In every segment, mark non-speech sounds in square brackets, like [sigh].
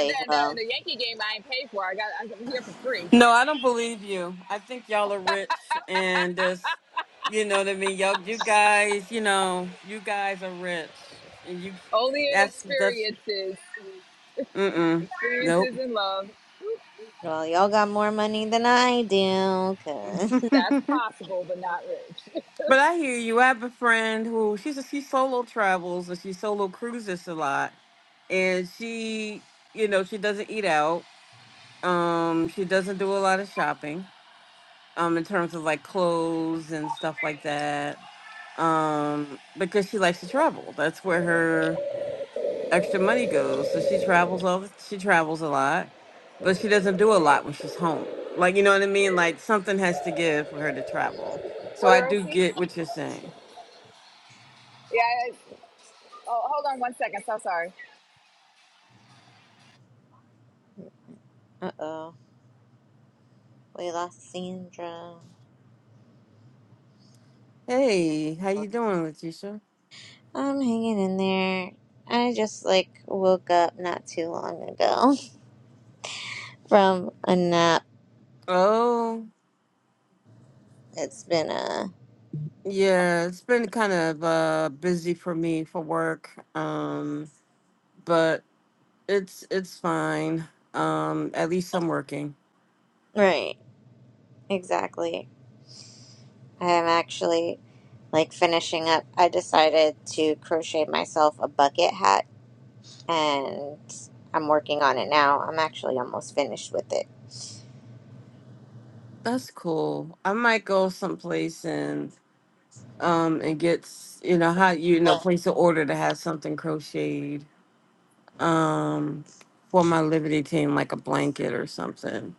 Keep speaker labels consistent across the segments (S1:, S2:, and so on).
S1: And then the,
S2: well,
S1: in the Yankee game I ain't paid for. I got I'm here for free.
S3: No, I don't believe you. I think y'all are rich and there's you know what I mean, y'all you guys, you know, you guys are rich. And you
S1: Only in
S3: that's that's
S1: experiences,
S3: mm mm. Nope.
S1: experiences in love.
S2: well, y'all got more money than I do.
S3: [laughs]
S2: Cause,
S1: That's
S3: but
S1: possible, but not rich.
S3: I hear you. I have a friend who she's a, she solo travels and she solo cruises a lot. And she you know, she doesn't eat out. Um, she doesn't do a lot of shopping, um, in terms of like clothes and stuff like that um, because she likes to travel. That's where her extra money goes. So she travels all the, she travels a lot, but she doesn't do a lot when she's home. Like you know what I mean? Like something has to give for her to travel.
S1: [laughs]
S3: So
S1: what
S3: I
S1: are our
S3: do
S1: seats?
S3: get what you're saying.
S1: Yeah. I, oh, hold on one second. So sorry.
S2: [laughs] uh oh, we lost Sandra.
S3: Hey, how you doing, Letitia?
S2: I'm hanging in there. I just like woke up not too long ago [laughs] from a nap.
S3: Oh,
S2: It's been a
S3: yeah, it's been kind of uh busy for me for work. Um, but it's it's fine. Um, at least I'm working.
S2: right, exactly. I am actually like finishing up. I decided to crochet myself a bucket hat, and I'm working on it now. I'm actually almost finished with it.
S3: That's cool. I might go someplace and um and gets you know how you know place an order to have something crocheted um for my liberty team like a blanket or something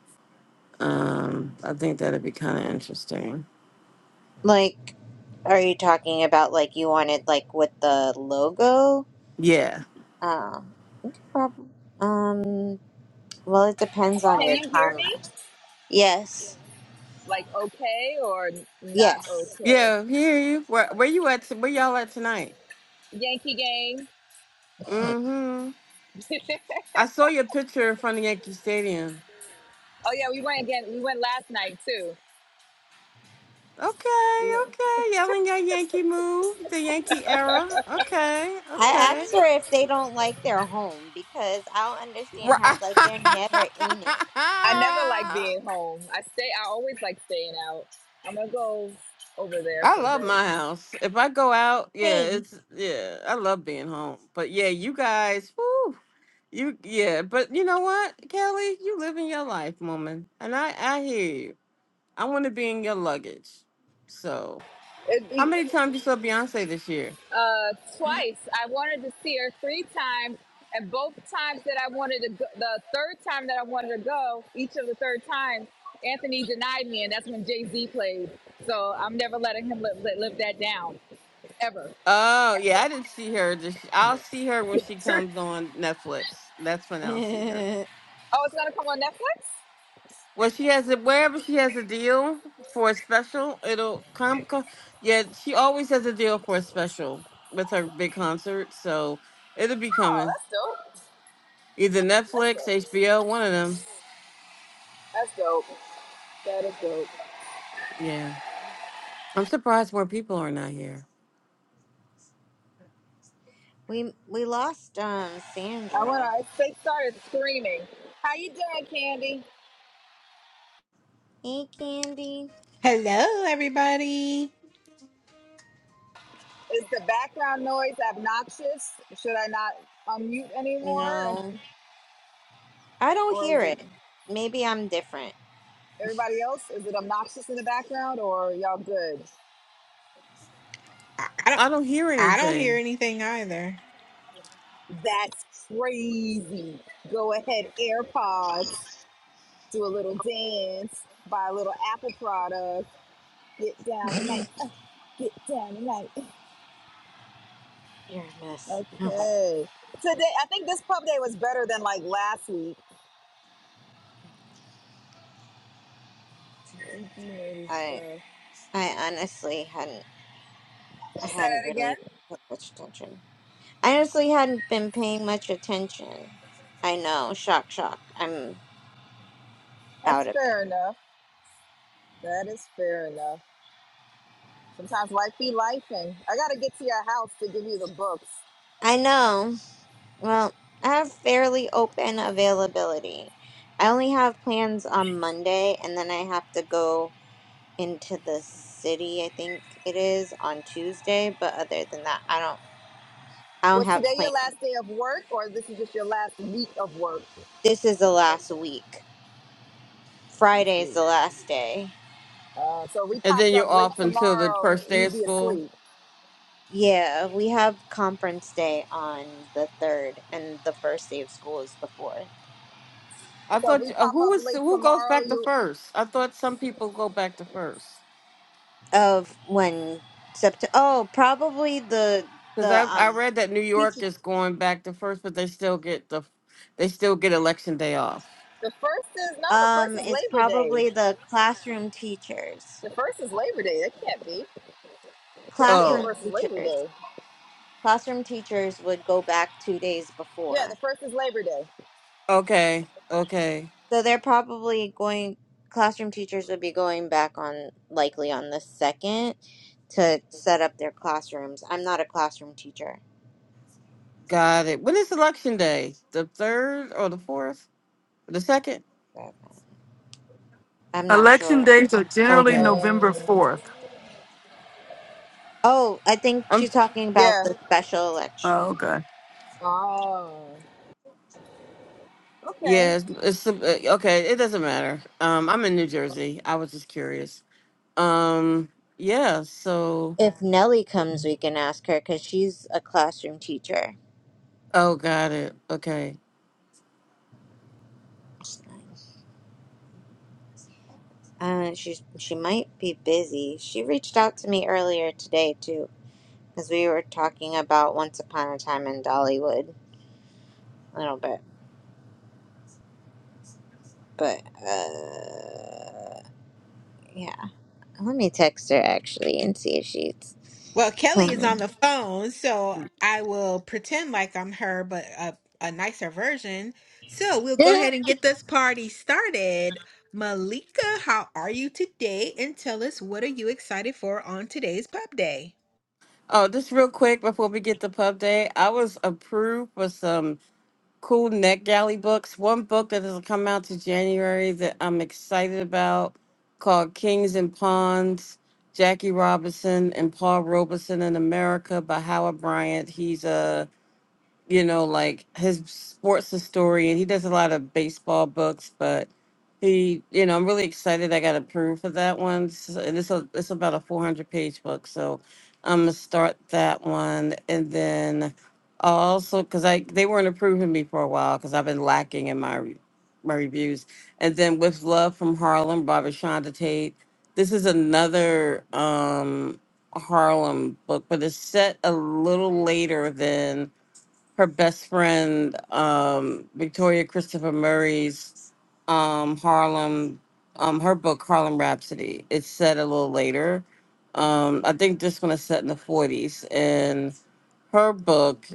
S3: um i think that'd be kind of interesting
S2: Like. Are you talking about like you wanted like with the logo?
S3: yeah
S2: Oh, prob- um. Well, it depends on
S1: Can
S2: your
S1: you hear me?
S2: timeline. Yes,
S1: Like okay or not
S2: yes.
S1: okay?
S3: yeah hear you where, where you at t- where y'all at tonight
S1: Yankee game.
S3: mm-hmm i saw your picture in front of yankee stadium
S1: Oh yeah, we went again. We went last night too. We
S3: okay
S1: went-
S3: okay y'all in your yankee move the yankee era okay
S2: I
S3: okay
S2: asked her if they don't like their home because I don't
S3: right
S2: understand how like they're never in it.
S1: I never like
S3: [laughs]
S1: being home. I stay. I always like staying out. I'm gonna go over there
S3: I
S1: for a
S3: love
S1: bit.
S3: my house. If I go out, yeah,
S2: Same.
S3: it's yeah, I love being home. But yeah, you guys, whoo, you yeah, but you know what, Kelly, you living your life, woman, and I I hear you. I want to be in your luggage. So,
S1: It'd
S3: how
S1: be
S3: many times you saw Beyonce this year?
S1: uh, twice. I wanted to see her three times, and both times that I wanted to go, the third time that I wanted to go, each of the third times, Anthony denied me, and that's when Jay Z played. So I'm never letting him live, live, live that down, ever,
S3: Oh yeah,
S1: ever,
S3: I didn't see her. This,
S1: ever.
S3: I'll see her when she
S1: [laughs]
S3: comes on Netflix. That's when I'll see her.
S2: [laughs]
S1: oh, it's gonna come on Netflix.
S3: Well, she has it wherever she has a deal for a special. It'll come. co- Yeah, she always has a deal for a special with her big concert, so it'll be
S1: Oh,
S3: coming.
S1: that's dope.
S3: Either
S1: That's
S3: Netflix,
S1: dope.
S3: HBO, one of them.
S1: That's dope. That is dope.
S3: Yeah, I'm surprised more people are not here.
S2: we we lost um
S1: I went.
S2: Sandra.
S1: I they started screaming. How you doing, Candy?
S2: Hey, Candy.
S4: Hello, everybody.
S1: Is the background noise obnoxious? Should I not unmute anymore?
S2: No, I don't
S1: Or
S2: hear
S1: is it
S2: it. Maybe I'm different.
S1: everybody else? Is it obnoxious in the background or y'all good?
S4: I I don't.
S3: I don't hear
S4: I don't hear
S3: anything.
S4: anything either.
S1: That's crazy. Go ahead, AirPods. Do a little dance. Buy a little Apple product. Get down
S2: [laughs]
S1: tonight. Uh, Get down tonight.
S2: You're a mess. Oh my
S1: Okay. Today, I think this pub day was better than like last week.
S2: god.
S1: Geeky nerdy
S2: I
S1: stuff.
S2: I honestly hadn't I
S1: Say
S2: hadn't
S1: that again.
S2: really put much attention. I honestly hadn't been paying much attention. I know, shock shock. I'm out
S1: That's
S2: of it.
S1: fair enough. That is fair enough. Sometimes life be life, and I gotta get to your house to give you the books.
S2: I know. Well, I have fairly open availability. I only have plans on Monday and then I have to go into the city, I think it is, on Tuesday, but other than that, I don't I don't
S1: Was today
S2: have
S1: your
S2: plans.
S1: last day of work, or this is just your last week of work?
S2: This is the last week. Friday is
S1: week.
S2: the last day.
S1: Uh, so if we
S3: And
S1: popped
S3: then
S1: up
S3: you're
S1: late
S3: off until the
S1: tomorrow,
S3: first day
S1: you'd
S3: of
S1: be
S3: school.
S1: asleep.
S2: Yeah, we have conference day on the third, and the first day of school is the fourth
S3: I
S1: So if
S3: thought
S1: we
S3: you- uh,
S1: pop
S3: who
S1: up
S3: was
S1: late
S3: who goes
S1: tomorrow,
S3: back to
S1: you.
S3: first? I thought some people go back to first.
S2: of when September. Oh, probably the
S3: Because
S2: the
S3: I I
S2: um
S3: read that New
S2: teacher.
S3: York is going back to first, but they still get the they still get election day off.
S1: The first is no. The first
S2: Um,
S1: is
S2: it's
S1: Labor Day.
S2: probably the classroom teachers.
S1: The first is Labor Day. That can't be. I'm pretty sure the
S2: Classroom
S3: Oh,
S1: first is Labor
S2: teachers.
S1: Day.
S2: Classroom teachers would go back two days
S1: Yeah, the
S2: before,
S1: first is Labor Day.
S3: okay, okay,
S2: so they're probably going. Classroom teachers would be going back on likely on the second to set up their classrooms. I'm not a classroom teacher.
S3: got it. When is election day? The third or the fourth? The second?
S2: I'm not
S5: Election
S2: sure.
S5: days are generally
S3: Okay.
S5: November
S1: Um,
S5: 4th.
S2: Oh, I think she's
S3: I'm
S2: talking about
S1: yeah.
S2: the special
S5: Oh,
S2: election.
S5: okay.
S1: Oh. Okay.
S3: yeah. It's, it's uh, okay. It doesn't matter. Um, I'm in New Jersey. I was just curious. Um, yeah. So
S2: If Nellie comes, we can ask her because she's a classroom teacher.
S3: oh, got it. Okay.
S2: Uh, she's she might be busy. She reached out to me earlier today too, because we were talking about Once Upon a Time in Dollywood a little bit. But uh, yeah, let me text her actually and see if she's.
S4: Well, Kelly is on the phone, so I will pretend like I'm her, but a, a nicer version. So we'll go ahead and
S2: [laughs]
S4: get this party started. Malika, how are you today? And tell us what are you excited for on today's pub day?
S3: Oh, just real quick before we get to pub day, I was approved for some cool Net Galley books. One book that has come out to January that I'm excited about called Kings and Pawns, Jackie Robinson and Paul Robeson in America by Howard Bryant. He's a you know, like his sports historian. He does a lot of baseball books, but he, you know, I'm really excited. I got approved for that one. S- And it's a, it's about a 400 page book, so I'm gonna start that one, and then also because I they weren't approving me for a while because I've been lacking in my re- my reviews, and then with Love from Harlem, by Rashonda Tate. This is another um Harlem book, but it's set a little later than her best friend, um, Victoria Christopher Murray's um, Harlem, um, her book, Harlem Rhapsody. It's set a little later. Um, I think this one is set in the 40s. And her book,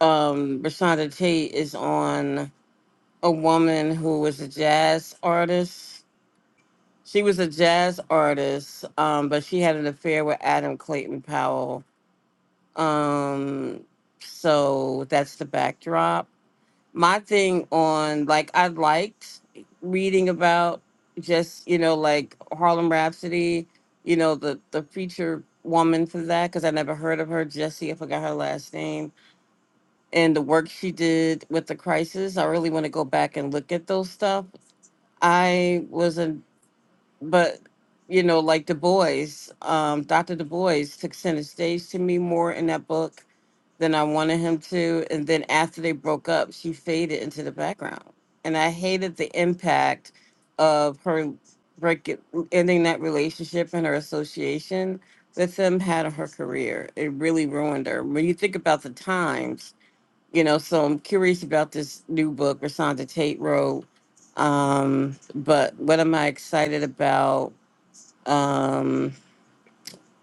S3: um, Rashonda Tate, is on a woman who was a jazz artist. She was a jazz artist, um, but she had an affair with Adam Clayton Powell. Um, so that's the backdrop my thing on like I liked reading about just you know like Harlem Rhapsody, you know the the feature woman for that because I never heard of her Jesse I forgot her last name and the work she did with the crisis I really want to go back and look at those stuff I wasn't but you know like Du Bois um Dr. Du Bois took center stage to me more in that book than I wanted him to. And then after they broke up, she faded into the background. And I hated the impact of her break ending that relationship and her association with him had on her career. It really ruined her. When you think about the times, you know, so I'm curious about this new book, Rasanda Tate wrote. Um, but what am I excited about? Um,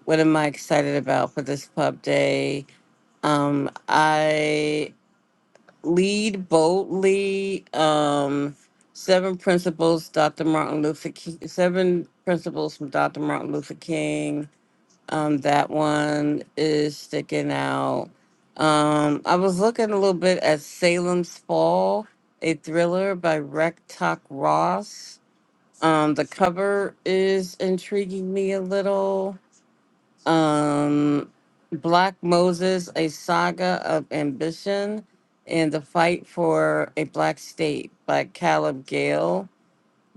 S3: what am I excited about for this pub day? Um, I Lead boldly. Um, seven principles, Dr. Martin Luther King. Seven principles from Dr. Martin Luther King. Um, that one is sticking out. Um, I was looking a little bit at Salem's Fall, a thriller by Rectock Ross. Um, the cover is intriguing me a little um, Black Moses, a saga of ambition and the fight for a black state by Caleb Gale.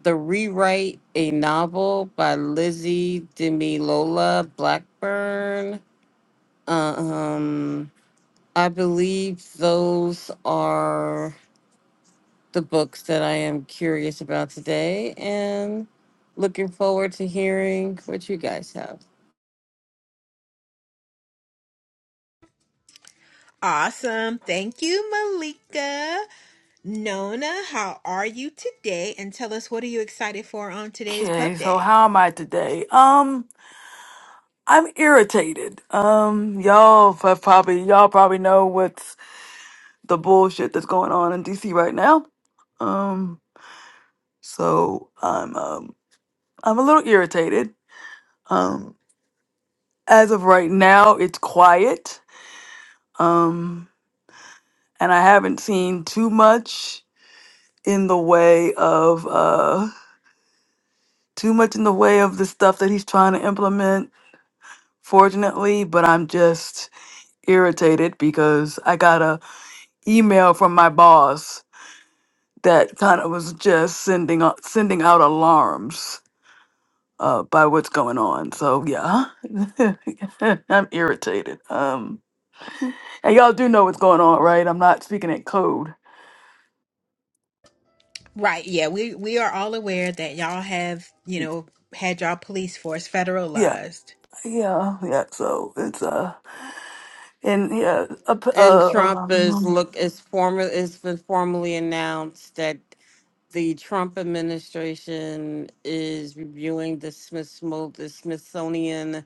S3: The Rewrite, a novel by Lizzie Demilola Blackburn. Um, I believe those are the books that I am curious about today and looking forward to hearing what you guys have.
S4: Awesome. Thank you, Malika. Nona, how are you today? And tell us what are you excited for on today's pub
S5: Okay, so
S4: day?
S5: how am I today? Um, I'm irritated. Um, y'all have probably y'all probably know what's the bullshit that's going on in DC right now. Um, so I'm um I'm a little irritated. Um, as of right now, it's quiet. Um, and I haven't seen too much in the way of uh too much in the way of the stuff that he's trying to implement fortunately, but I'm just irritated because I got a email from my boss that kind of was just sending out, sending out alarms uh, by what's going on. So yeah, [laughs] I'm irritated. Um, and y'all do know what's going on, right? I'm not speaking in code.
S4: Right. Yeah. We we are all aware that y'all have, you know, had y'all police force
S5: Yeah,
S4: federalized.
S5: yeah, yeah. So it's uh, and yeah, uh, p-
S3: And
S5: uh,
S3: Trump is
S5: um,
S3: look is formal it's been formally announced that the Trump administration is reviewing the Smith the Smithsonian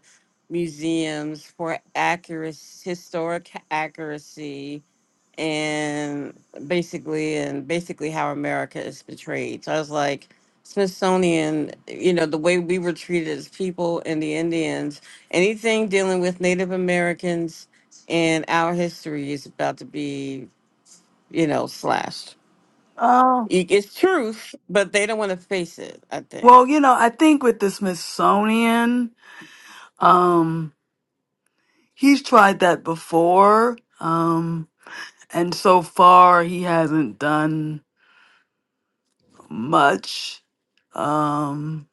S3: museums for accuracy historic accuracy and basically and basically how America is portrayed. So I was like, Smithsonian, you know, the way we were treated as people and the Indians, anything dealing with Native Americans and our history is about to be, you know, slashed.
S5: uh,
S3: It- It's truth, but they don't want to face it, I think.
S5: well, you know, I think with the Smithsonian, um, He's tried that before, um, and so far he hasn't done much. Um,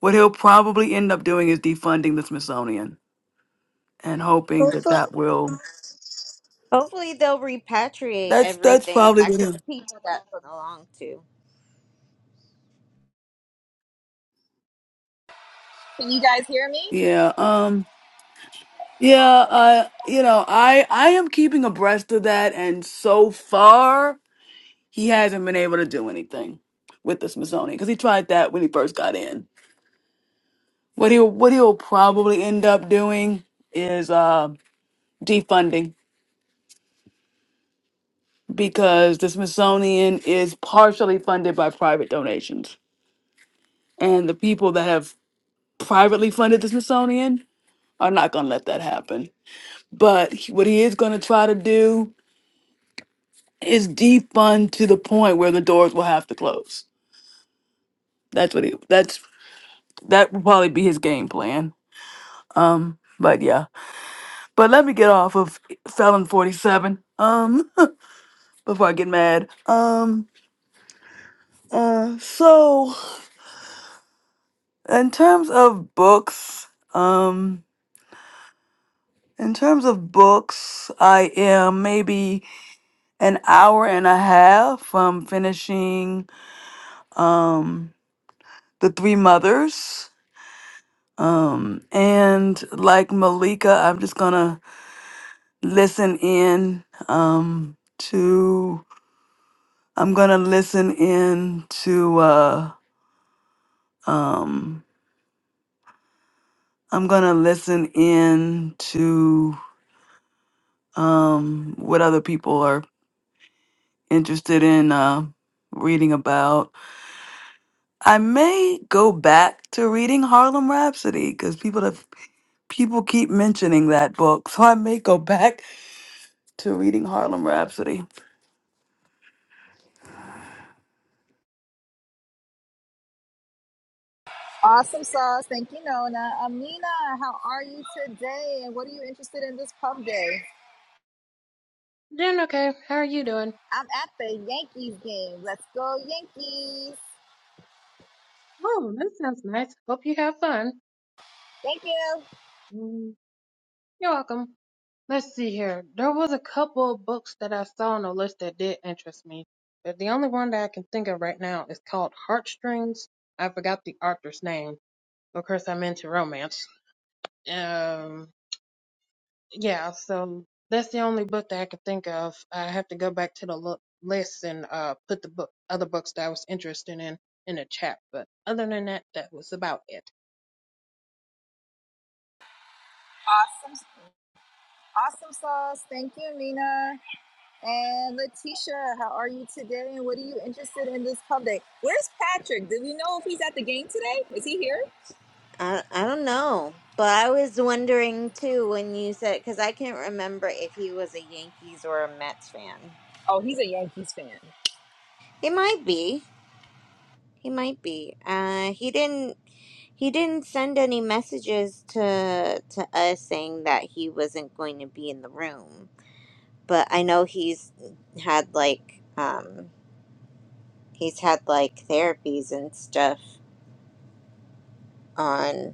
S5: what he'll probably end up doing is defunding the Smithsonian and hoping that
S2: Hopefully,
S5: that will.
S2: Hopefully, they'll repatriate
S5: That's that's
S2: everything
S5: probably
S2: back
S5: what
S2: to
S5: he'll.
S2: the people that it belonged to.
S1: Can you guys hear me?
S5: Yeah. Um. Yeah. Uh. You know, I I am keeping abreast of that, and so far he hasn't been able to do anything with the Smithsonian because he tried that when he first got in What he'll what he'll probably end up doing is uh, defunding because the Smithsonian is partially funded by private donations, and the people that have privately funded the Smithsonian are not going to let that happen. But he- what he is going to try to do is defund to the point where the doors will have to close. That's what he. That's that will probably be his game plan. Um, but yeah. But let me get off of Felon Forty Seven. Um, [laughs] before I get mad. Um. Uh, so in terms of books, um, in terms of books, I am maybe an hour and a half from finishing um The Three Mothers. Um, and like Malika, I'm just gonna listen in um to I'm gonna listen in to uh um I'm gonna listen in um, what other people are interested in uh, reading about. I may go back to reading Harlem Rhapsody because people have people keep mentioning that book, so I may go back to reading Harlem Rhapsody.
S1: Awesome sauce. Thank you, Nona. Amina, how are you today? And what are you interested in this pub day?
S6: Doing okay. How are you doing?
S1: I'm at the Yankees game. Let's go, Yankees.
S6: Oh, that sounds nice. Hope you have fun.
S1: Thank you.
S6: Mm, You're welcome. Let's see here. There was a couple of books that I saw on the list that did interest me, but the only one that I can think of right now is called Heartstrings. I forgot the author's name. Of course, I'm into romance. Um, yeah, so that's the only book that I could think of. I have to go back to the lo- list and uh put the book other books that I was interested in in the chat. But other than that, that was about it.
S1: Awesome. Awesome sauce. Thank you, Amina. And Letitia, how are you today? And what are you interested in this pub day? Where's Patrick? Do we know if he's at the game today? Is he here?
S2: I, I don't know. But I was wondering too when you said, because I can't remember if he was a Yankees or a Mets fan.
S1: Oh, he's a Yankees fan.
S2: He might be. He might be. Uh, he didn't. He didn't send any messages to to us saying that he wasn't going to be in the room. But I know he's had like um, he's had like therapies and stuff on.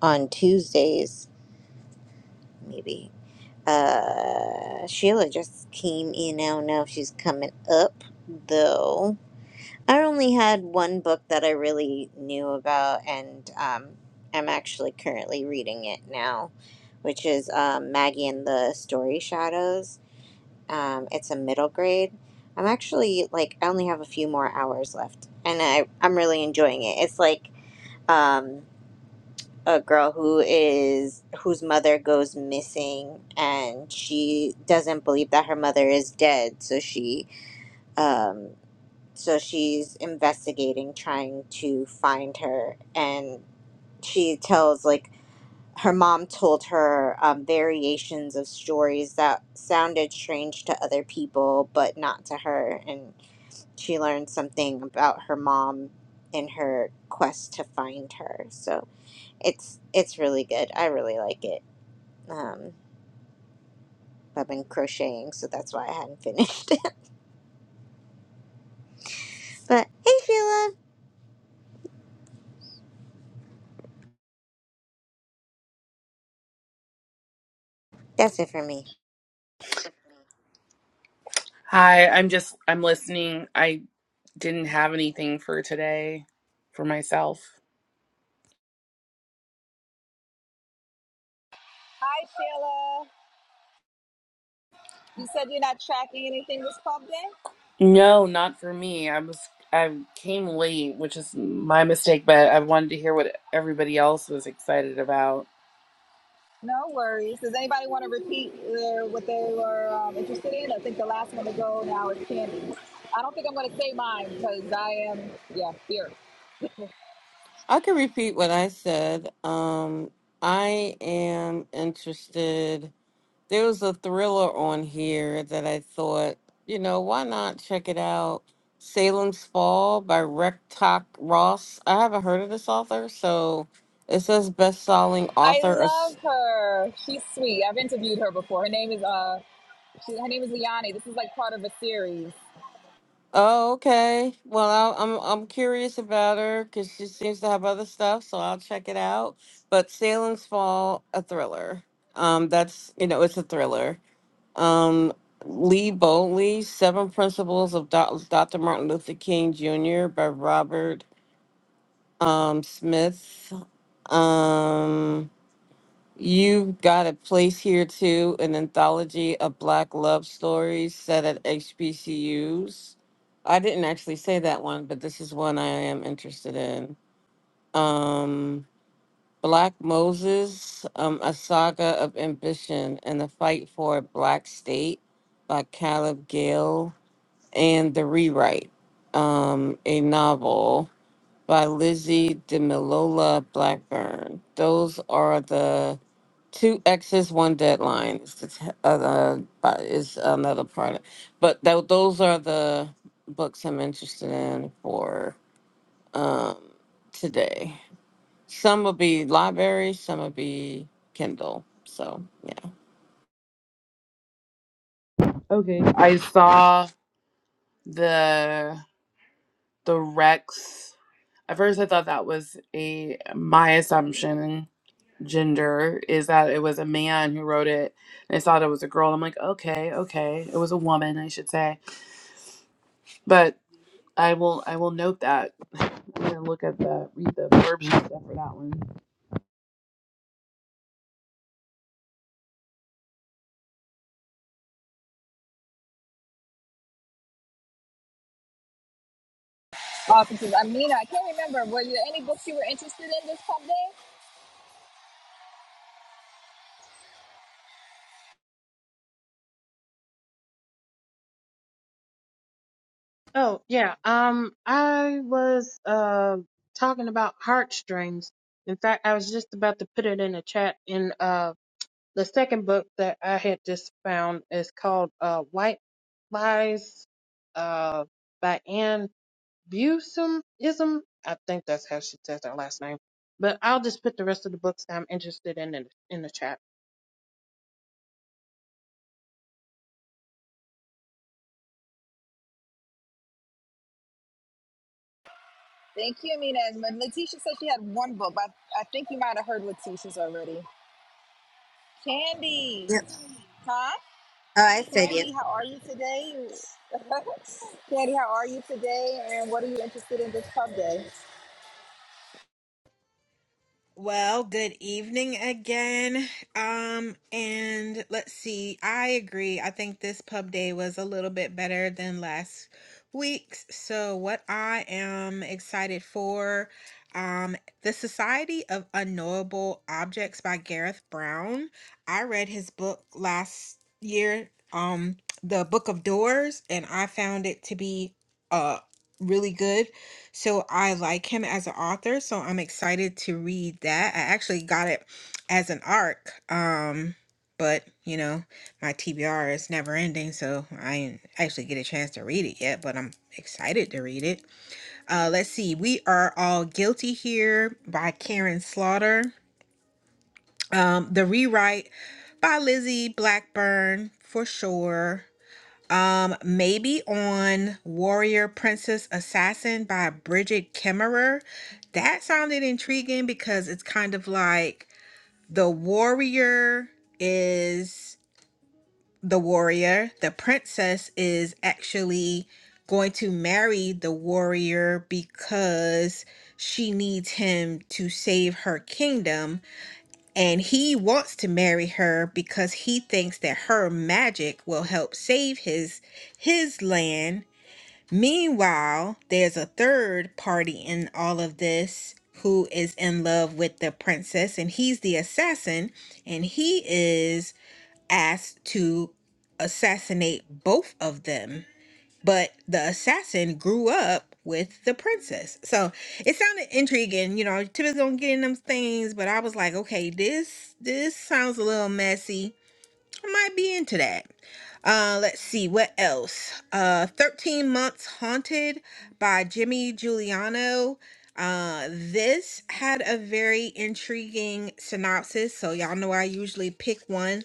S2: on Tuesdays, maybe. Uh, Sheila just came in. I don't know if she's coming up, though. I only had one book that I really knew about, and um, I'm actually currently reading it now, which is um, Maggie and the Story Shadows. Um, it's a middle grade. I'm actually like I only have a few more hours left, and I I'm really enjoying it. It's like um, a girl who is whose mother goes missing and she doesn't believe that her mother is dead so she um so she's investigating trying to find her and she tells like her mom told her um, variations of stories that sounded strange to other people but not to her and she learned something about her mom in her quest to find her so it's it's really good. I really like it. Um, I've been crocheting, so that's why I hadn't finished. [laughs] it. but hey, Sheila, that's it for me.
S7: Hi, I'm just I'm listening. I didn't have anything for today for myself.
S1: Hi, Sheila. You said you're not tracking anything this pub day?
S7: No, not for me. I was I came late, which is my mistake, but I wanted to hear what everybody else was excited about.
S1: No worries. Does anybody want to repeat uh, what they were um, interested in? I think the last one to go now is Candy. I don't think I'm going to say mine because I am, yeah, fierce.
S3: I can repeat what I said. Um, I am interested There was a thriller on here that I thought, you know, why not check it out? Salem's Fall by Rectock Ross. I haven't heard of this author, so it says best-selling
S1: I
S3: author.
S1: love
S3: as-
S1: her. She's sweet. I've interviewed her before. Her name is uh, she, her name is Liani. This is like part of a series.
S3: Oh, okay. Well, I, I'm I'm curious about her because she seems to have other stuff, so I'll check it out. But Salem's Fall, a thriller. Um, that's you know, it's a thriller. Um, Lead Boldly, Seven Principles of Doc- Dr. Martin Luther King Jr. by Robert um, Smith. Um, You've Got a Place Here Too, an anthology of Black love stories set at HBCUs. I didn't actually say that one, but this is one I am interested in. Um, Black Moses, um, a saga of ambition and the fight for a black state by Caleb Gale. and The Rewrite, um, a novel by Lizzie DeMillola Blackburn. Those are the two X's, one deadline. It's the t- other, but it's another part. But tho- those are the books I'm interested in for um, today. Some will be library, some will be Kindle. So, yeah.
S7: Okay. I saw the the Rex. At first I thought that was a my assumption gender is that it was a man who wrote it. And I saw that it was a girl. and I'm like, okay, okay. It was a woman, I should say. but. I will I will note that. I'm gonna look at the read the verbiage and stuff for that one.
S1: Awesome. Amina, I can't remember. Were there any books you were interested in this pub day?
S6: Oh, yeah. Um, I was uh talking about heartstrings. In fact, I was just about to put it in the chat. In uh, the second book that I had just found is called uh White Lies uh by Anne. Busimism. I think that's how she says her last name. But I'll just put the rest of the books that I'm interested in in, in the chat.
S1: Thank you, Amina. And when said she had one book, but I think you might have heard Letitia's already. Candy,
S2: Yep.
S1: huh?
S2: Oh, I said yep.
S1: Candy, how are you today? [laughs] Candy, how are you today? And what are you interested in this pub day?
S4: Well, good evening again. Um, and let's see. I agree. I think this pub day was a little bit better than last week's. So, what I am excited for, um, The Society of Unknowable Objects by Gareth Brown. I read his book last year, um, The Book of Doors, and I found it to be uh really good. So I like him as an author, so I'm excited to read that. I actually got it as an arc, um, but you know, my TBR is never ending, so I did actually get a chance to read it yet, but I'm excited to read it. Uh, let's see, We Are All Guilty Here by Karen Slaughter. Um, the Rewrite by Lizzie Blackburn for sure. Um, maybe on Warrior Princess Assassin by Bridget Kemmerer. That sounded intriguing because it's kind of like the warrior is the warrior, the princess is actually going to marry the warrior because she needs him to save her kingdom and he wants to marry her because he thinks that her magic will help save his his land Meanwhile, there's a third party in all of this who is in love with the princess, and he's the assassin, and he is asked to assassinate both of them. But the assassin grew up with the princess. So it sounded intriguing. You know, typically don't get in them things, but I was like, okay, this this sounds a little messy. I might be into that. Uh, let's see what else. Uh, 13 Months Haunted by Jimmy Giuliano. Uh, this had a very intriguing synopsis, so y'all know I usually pick one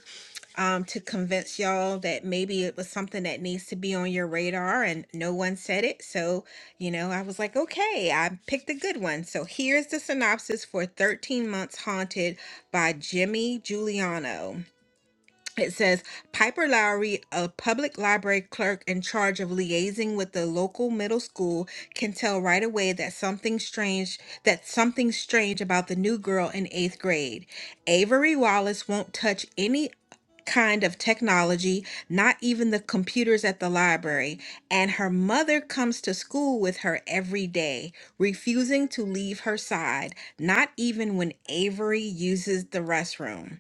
S4: um to convince y'all that maybe it was something that needs to be on your radar, and no one said it, so you know I was like, okay, I picked a good one. So here's the synopsis for 13 Months Haunted by Jimmy Giuliano it says Piper Lowry, a public library clerk in charge of liaising with the local middle school, can tell right away that something strange that something strange about the new girl in 8th grade. Avery Wallace won't touch any kind of technology, not even the computers at the library, and her mother comes to school with her every day, refusing to leave her side, not even when Avery uses the restroom.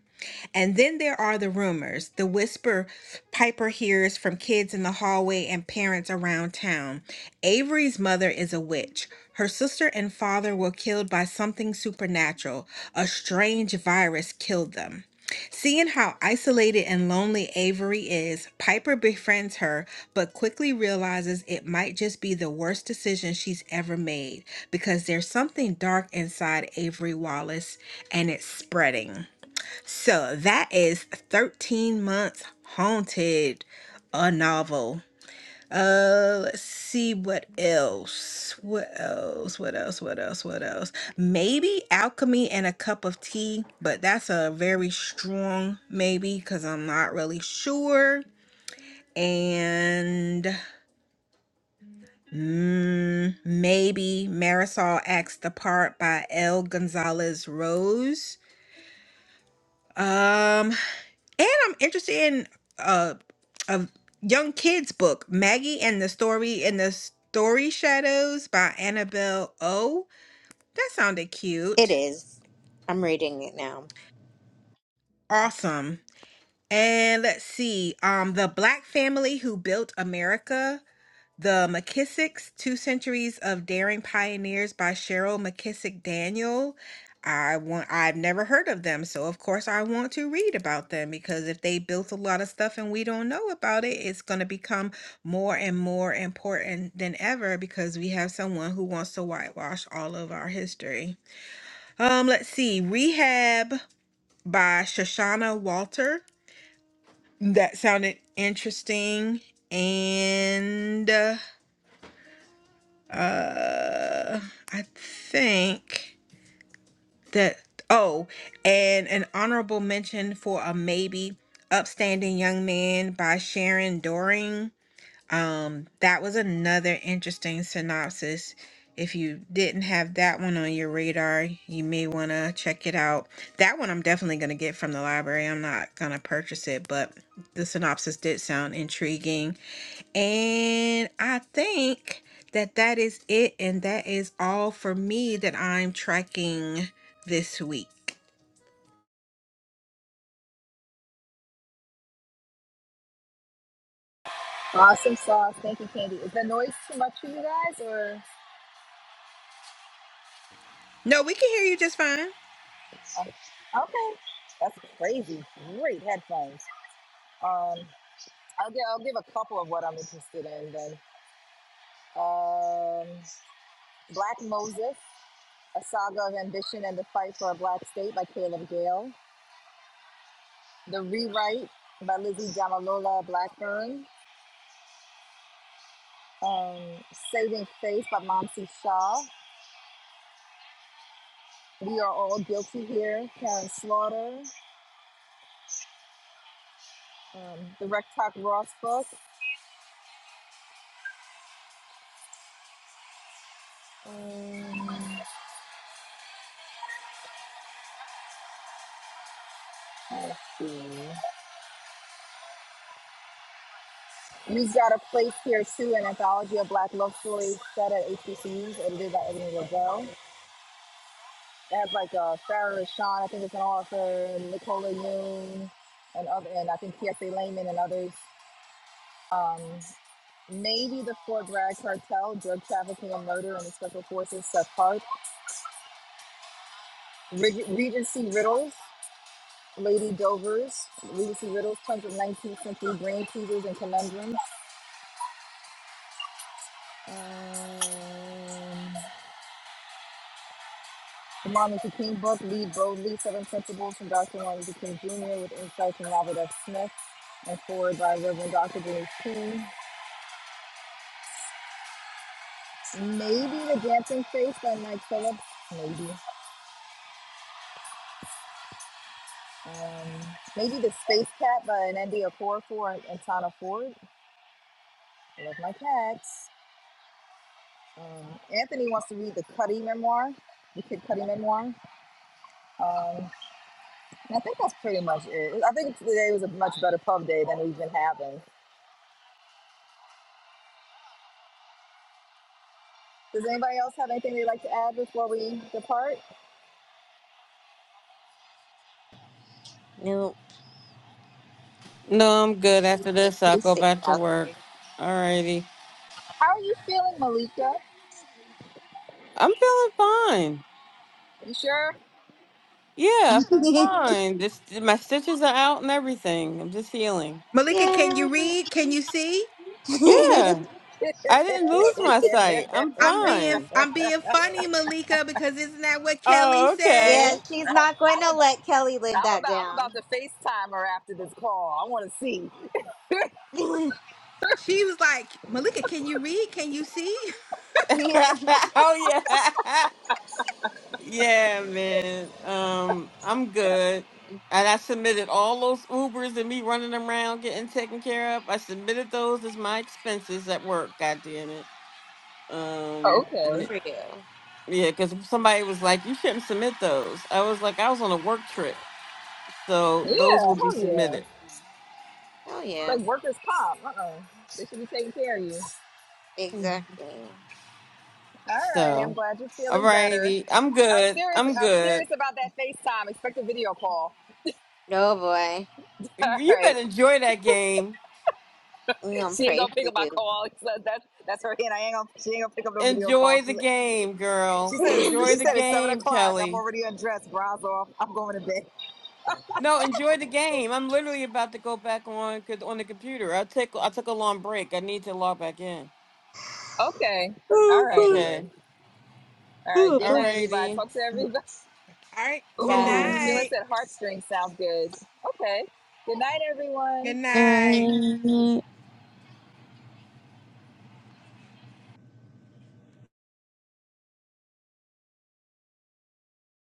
S4: And then there are the rumors, the whisper Piper hears from kids in the hallway and parents around town. Avery's mother is a witch. Her sister and father were killed by something supernatural. A strange virus killed them. Seeing how isolated and lonely Avery is, Piper befriends her, but quickly realizes it might just be the worst decision she's ever made because there's something dark inside Avery Wallace and it's spreading. So that is 13 Months Haunted, a novel. Uh, let's see what else. What else? What else? What else? What else? Maybe Alchemy and a Cup of Tea, but that's a very strong maybe because I'm not really sure. And mm, maybe Marisol Acts the Part by L. Gonzalez Rose. Um, And I'm interested in uh, a young kids book, Maggie and the Story and the Story Shadows by Annabelle O. That sounded
S2: It
S4: cute.
S2: is. I'm reading it now.
S4: Awesome. And let's see, um, The Black Family Who Built America The McKissick's Two Centuries of Daring Pioneers by Cheryl McKissick Daniel. I want I've never heard of them, so of course I want to read about them because if they built a lot of stuff and we don't know about it, it's going to become more and more important than ever because we have someone who wants to whitewash all of our history. Um let's see. Rehab by Shoshana Walter. That sounded interesting and uh, Uh, I think that, oh, and an honorable mention for a maybe upstanding young man by Sharon Doring. Um, that was another interesting synopsis. If you didn't have that one on your radar, you may want to check it out. That one I'm definitely going to get from the library. I'm not going to purchase it, but the synopsis did sound intriguing. And I think that that is it. And that is all for me that I'm tracking this week.
S1: Awesome sauce. Thank you, Candy. Is the noise too much for you guys? Or
S4: No, we can hear you just fine.
S1: oh, okay, that's crazy. Great headphones. Um, I'll give I'll give a couple of what I'm interested in then. Um, Black Moses, a saga of ambition and the fight for a black state by Caleb Gale. The rewrite by Lizzie Jamalola Blackburn. and Saving Faith by Momsy Shaw. We are all guilty here. Karen Slaughter, um, the Rec Talk Ross book. Um, let's see. You've Got a Place Here Too, an anthology of Black love stories set at HBCUs, edited by Ebony Lavelle. It has like uh, Farrah Rashawn, I think it's an author, Nicola Yoon, and other, and I think P.S.A. Lehman and others. Um, maybe the Fort Bragg cartel, drug trafficking and murder, and the special forces Seth Hart. Reg- Regency Riddles, Lady Dovers, Regency Riddles, tons of 19th century brain teasers and conundrums. Um, the Martin Luther King book, Lead Boldly, Seven Principles from Dr. Martin Luther King Jr. with insights from Robert F. Smith and forward by Reverend Dr. James King. Maybe The Dancing Face by Mike Phillips. Maybe. Um, maybe The Space Cat by Anandia Okorafor and, and Tana Ford. I love my cats. Um, Anthony wants to read the Cuddy memoir, the Kid Cuddy memoir. Um, and I think that's pretty much it. I think today was a much better pub day than we've been having. Does anybody else have anything they'd like to add before we depart?
S2: New
S3: No, I'm good. After this, I'll
S2: things
S3: go back to
S2: out
S3: work.
S2: there.
S3: Alrighty.
S1: How are you feeling, Malika?
S3: I'm feeling fine.
S1: You sure?
S3: Yeah, I feel
S2: [laughs]
S3: fine. Just my stitches are out and everything. I'm just healing.
S4: Malika,
S2: Yeah.
S4: can you read? Can you see?
S2: [laughs]
S3: Yeah, [laughs] I didn't lose my
S1: [laughs]
S3: sight.
S1: I'm,
S3: I'm
S4: I'm being
S3: fine.
S4: I'm being funny, Malika, because isn't that what Kelly
S3: Oh,
S4: said?
S1: I'm,
S2: yeah,
S3: okay.
S2: she's not going
S1: I'm,
S2: to
S1: about,
S2: let Kelly live
S1: I'm
S2: that
S1: about I'm
S2: down.
S1: about to FaceTime her after this call. I want to see.
S2: [laughs]
S4: She was like, Malika, can you read? Can you see?
S2: yeah.
S3: [laughs] oh yeah, [laughs] yeah, man. Um, I'm
S2: So,
S3: good. And I submitted all those Ubers and me running around getting taken care of. I submitted those as my expenses at work. God damn it. Um,
S2: Good
S3: and
S1: Okay.
S3: it,
S2: for you.
S3: yeah, because somebody was like, "You shouldn't submit those." I was like, "I was on a work trip." So those
S1: Yeah.
S3: will be
S1: Hell yeah.
S3: submitted.
S2: Hell
S1: It's
S2: yeah.
S1: like workers' comp. Uh-oh. They should be taking care of you.
S3: Mhm.
S2: Exactly.
S1: All right, I'm
S3: So,
S1: glad you're
S3: all
S1: feeling better.
S3: righty. I'm
S1: I was
S3: good.
S1: serious.
S3: I'm
S1: I was
S3: good.
S1: serious about that FaceTime. Expect a video call.
S2: Oh boy.
S1: [laughs] All
S3: You
S1: right,
S3: better enjoy that game.
S2: We're gonna
S1: she ain't
S2: pray
S1: gonna pick
S2: for
S1: up my
S2: you.
S1: call. [laughs] So that's that's her hint. I ain't gonna. She ain't gonna pick up no video call.
S3: Enjoy
S1: She's
S3: the
S1: like,
S3: game,
S1: she
S3: girl.
S1: said. It's,
S2: [laughs]
S3: Enjoy
S1: she
S3: the
S1: said it's seven
S3: game,
S1: o'clock. I'm
S3: Kelly.
S1: already undressed. Bras off. I'm going to bed.
S3: No, enjoy the game. I'm literally about to go back on co- on the computer. I took I took a long break. I need to log back in.
S1: Okay. All
S2: oh
S1: righty
S2: boy.
S3: Okay.
S1: then. All right.
S2: Oh
S1: Good
S3: All
S1: night,
S2: boy.
S1: everybody.
S3: righty.
S1: Talk to everybody.
S4: [laughs] All right.
S1: [laughs]
S4: Good
S3: Bye.
S1: Ooh, Sheila
S4: night.
S1: said heartstrings sounds good. Okay. Good night,
S4: Good
S1: everyone.
S4: night.
S2: No.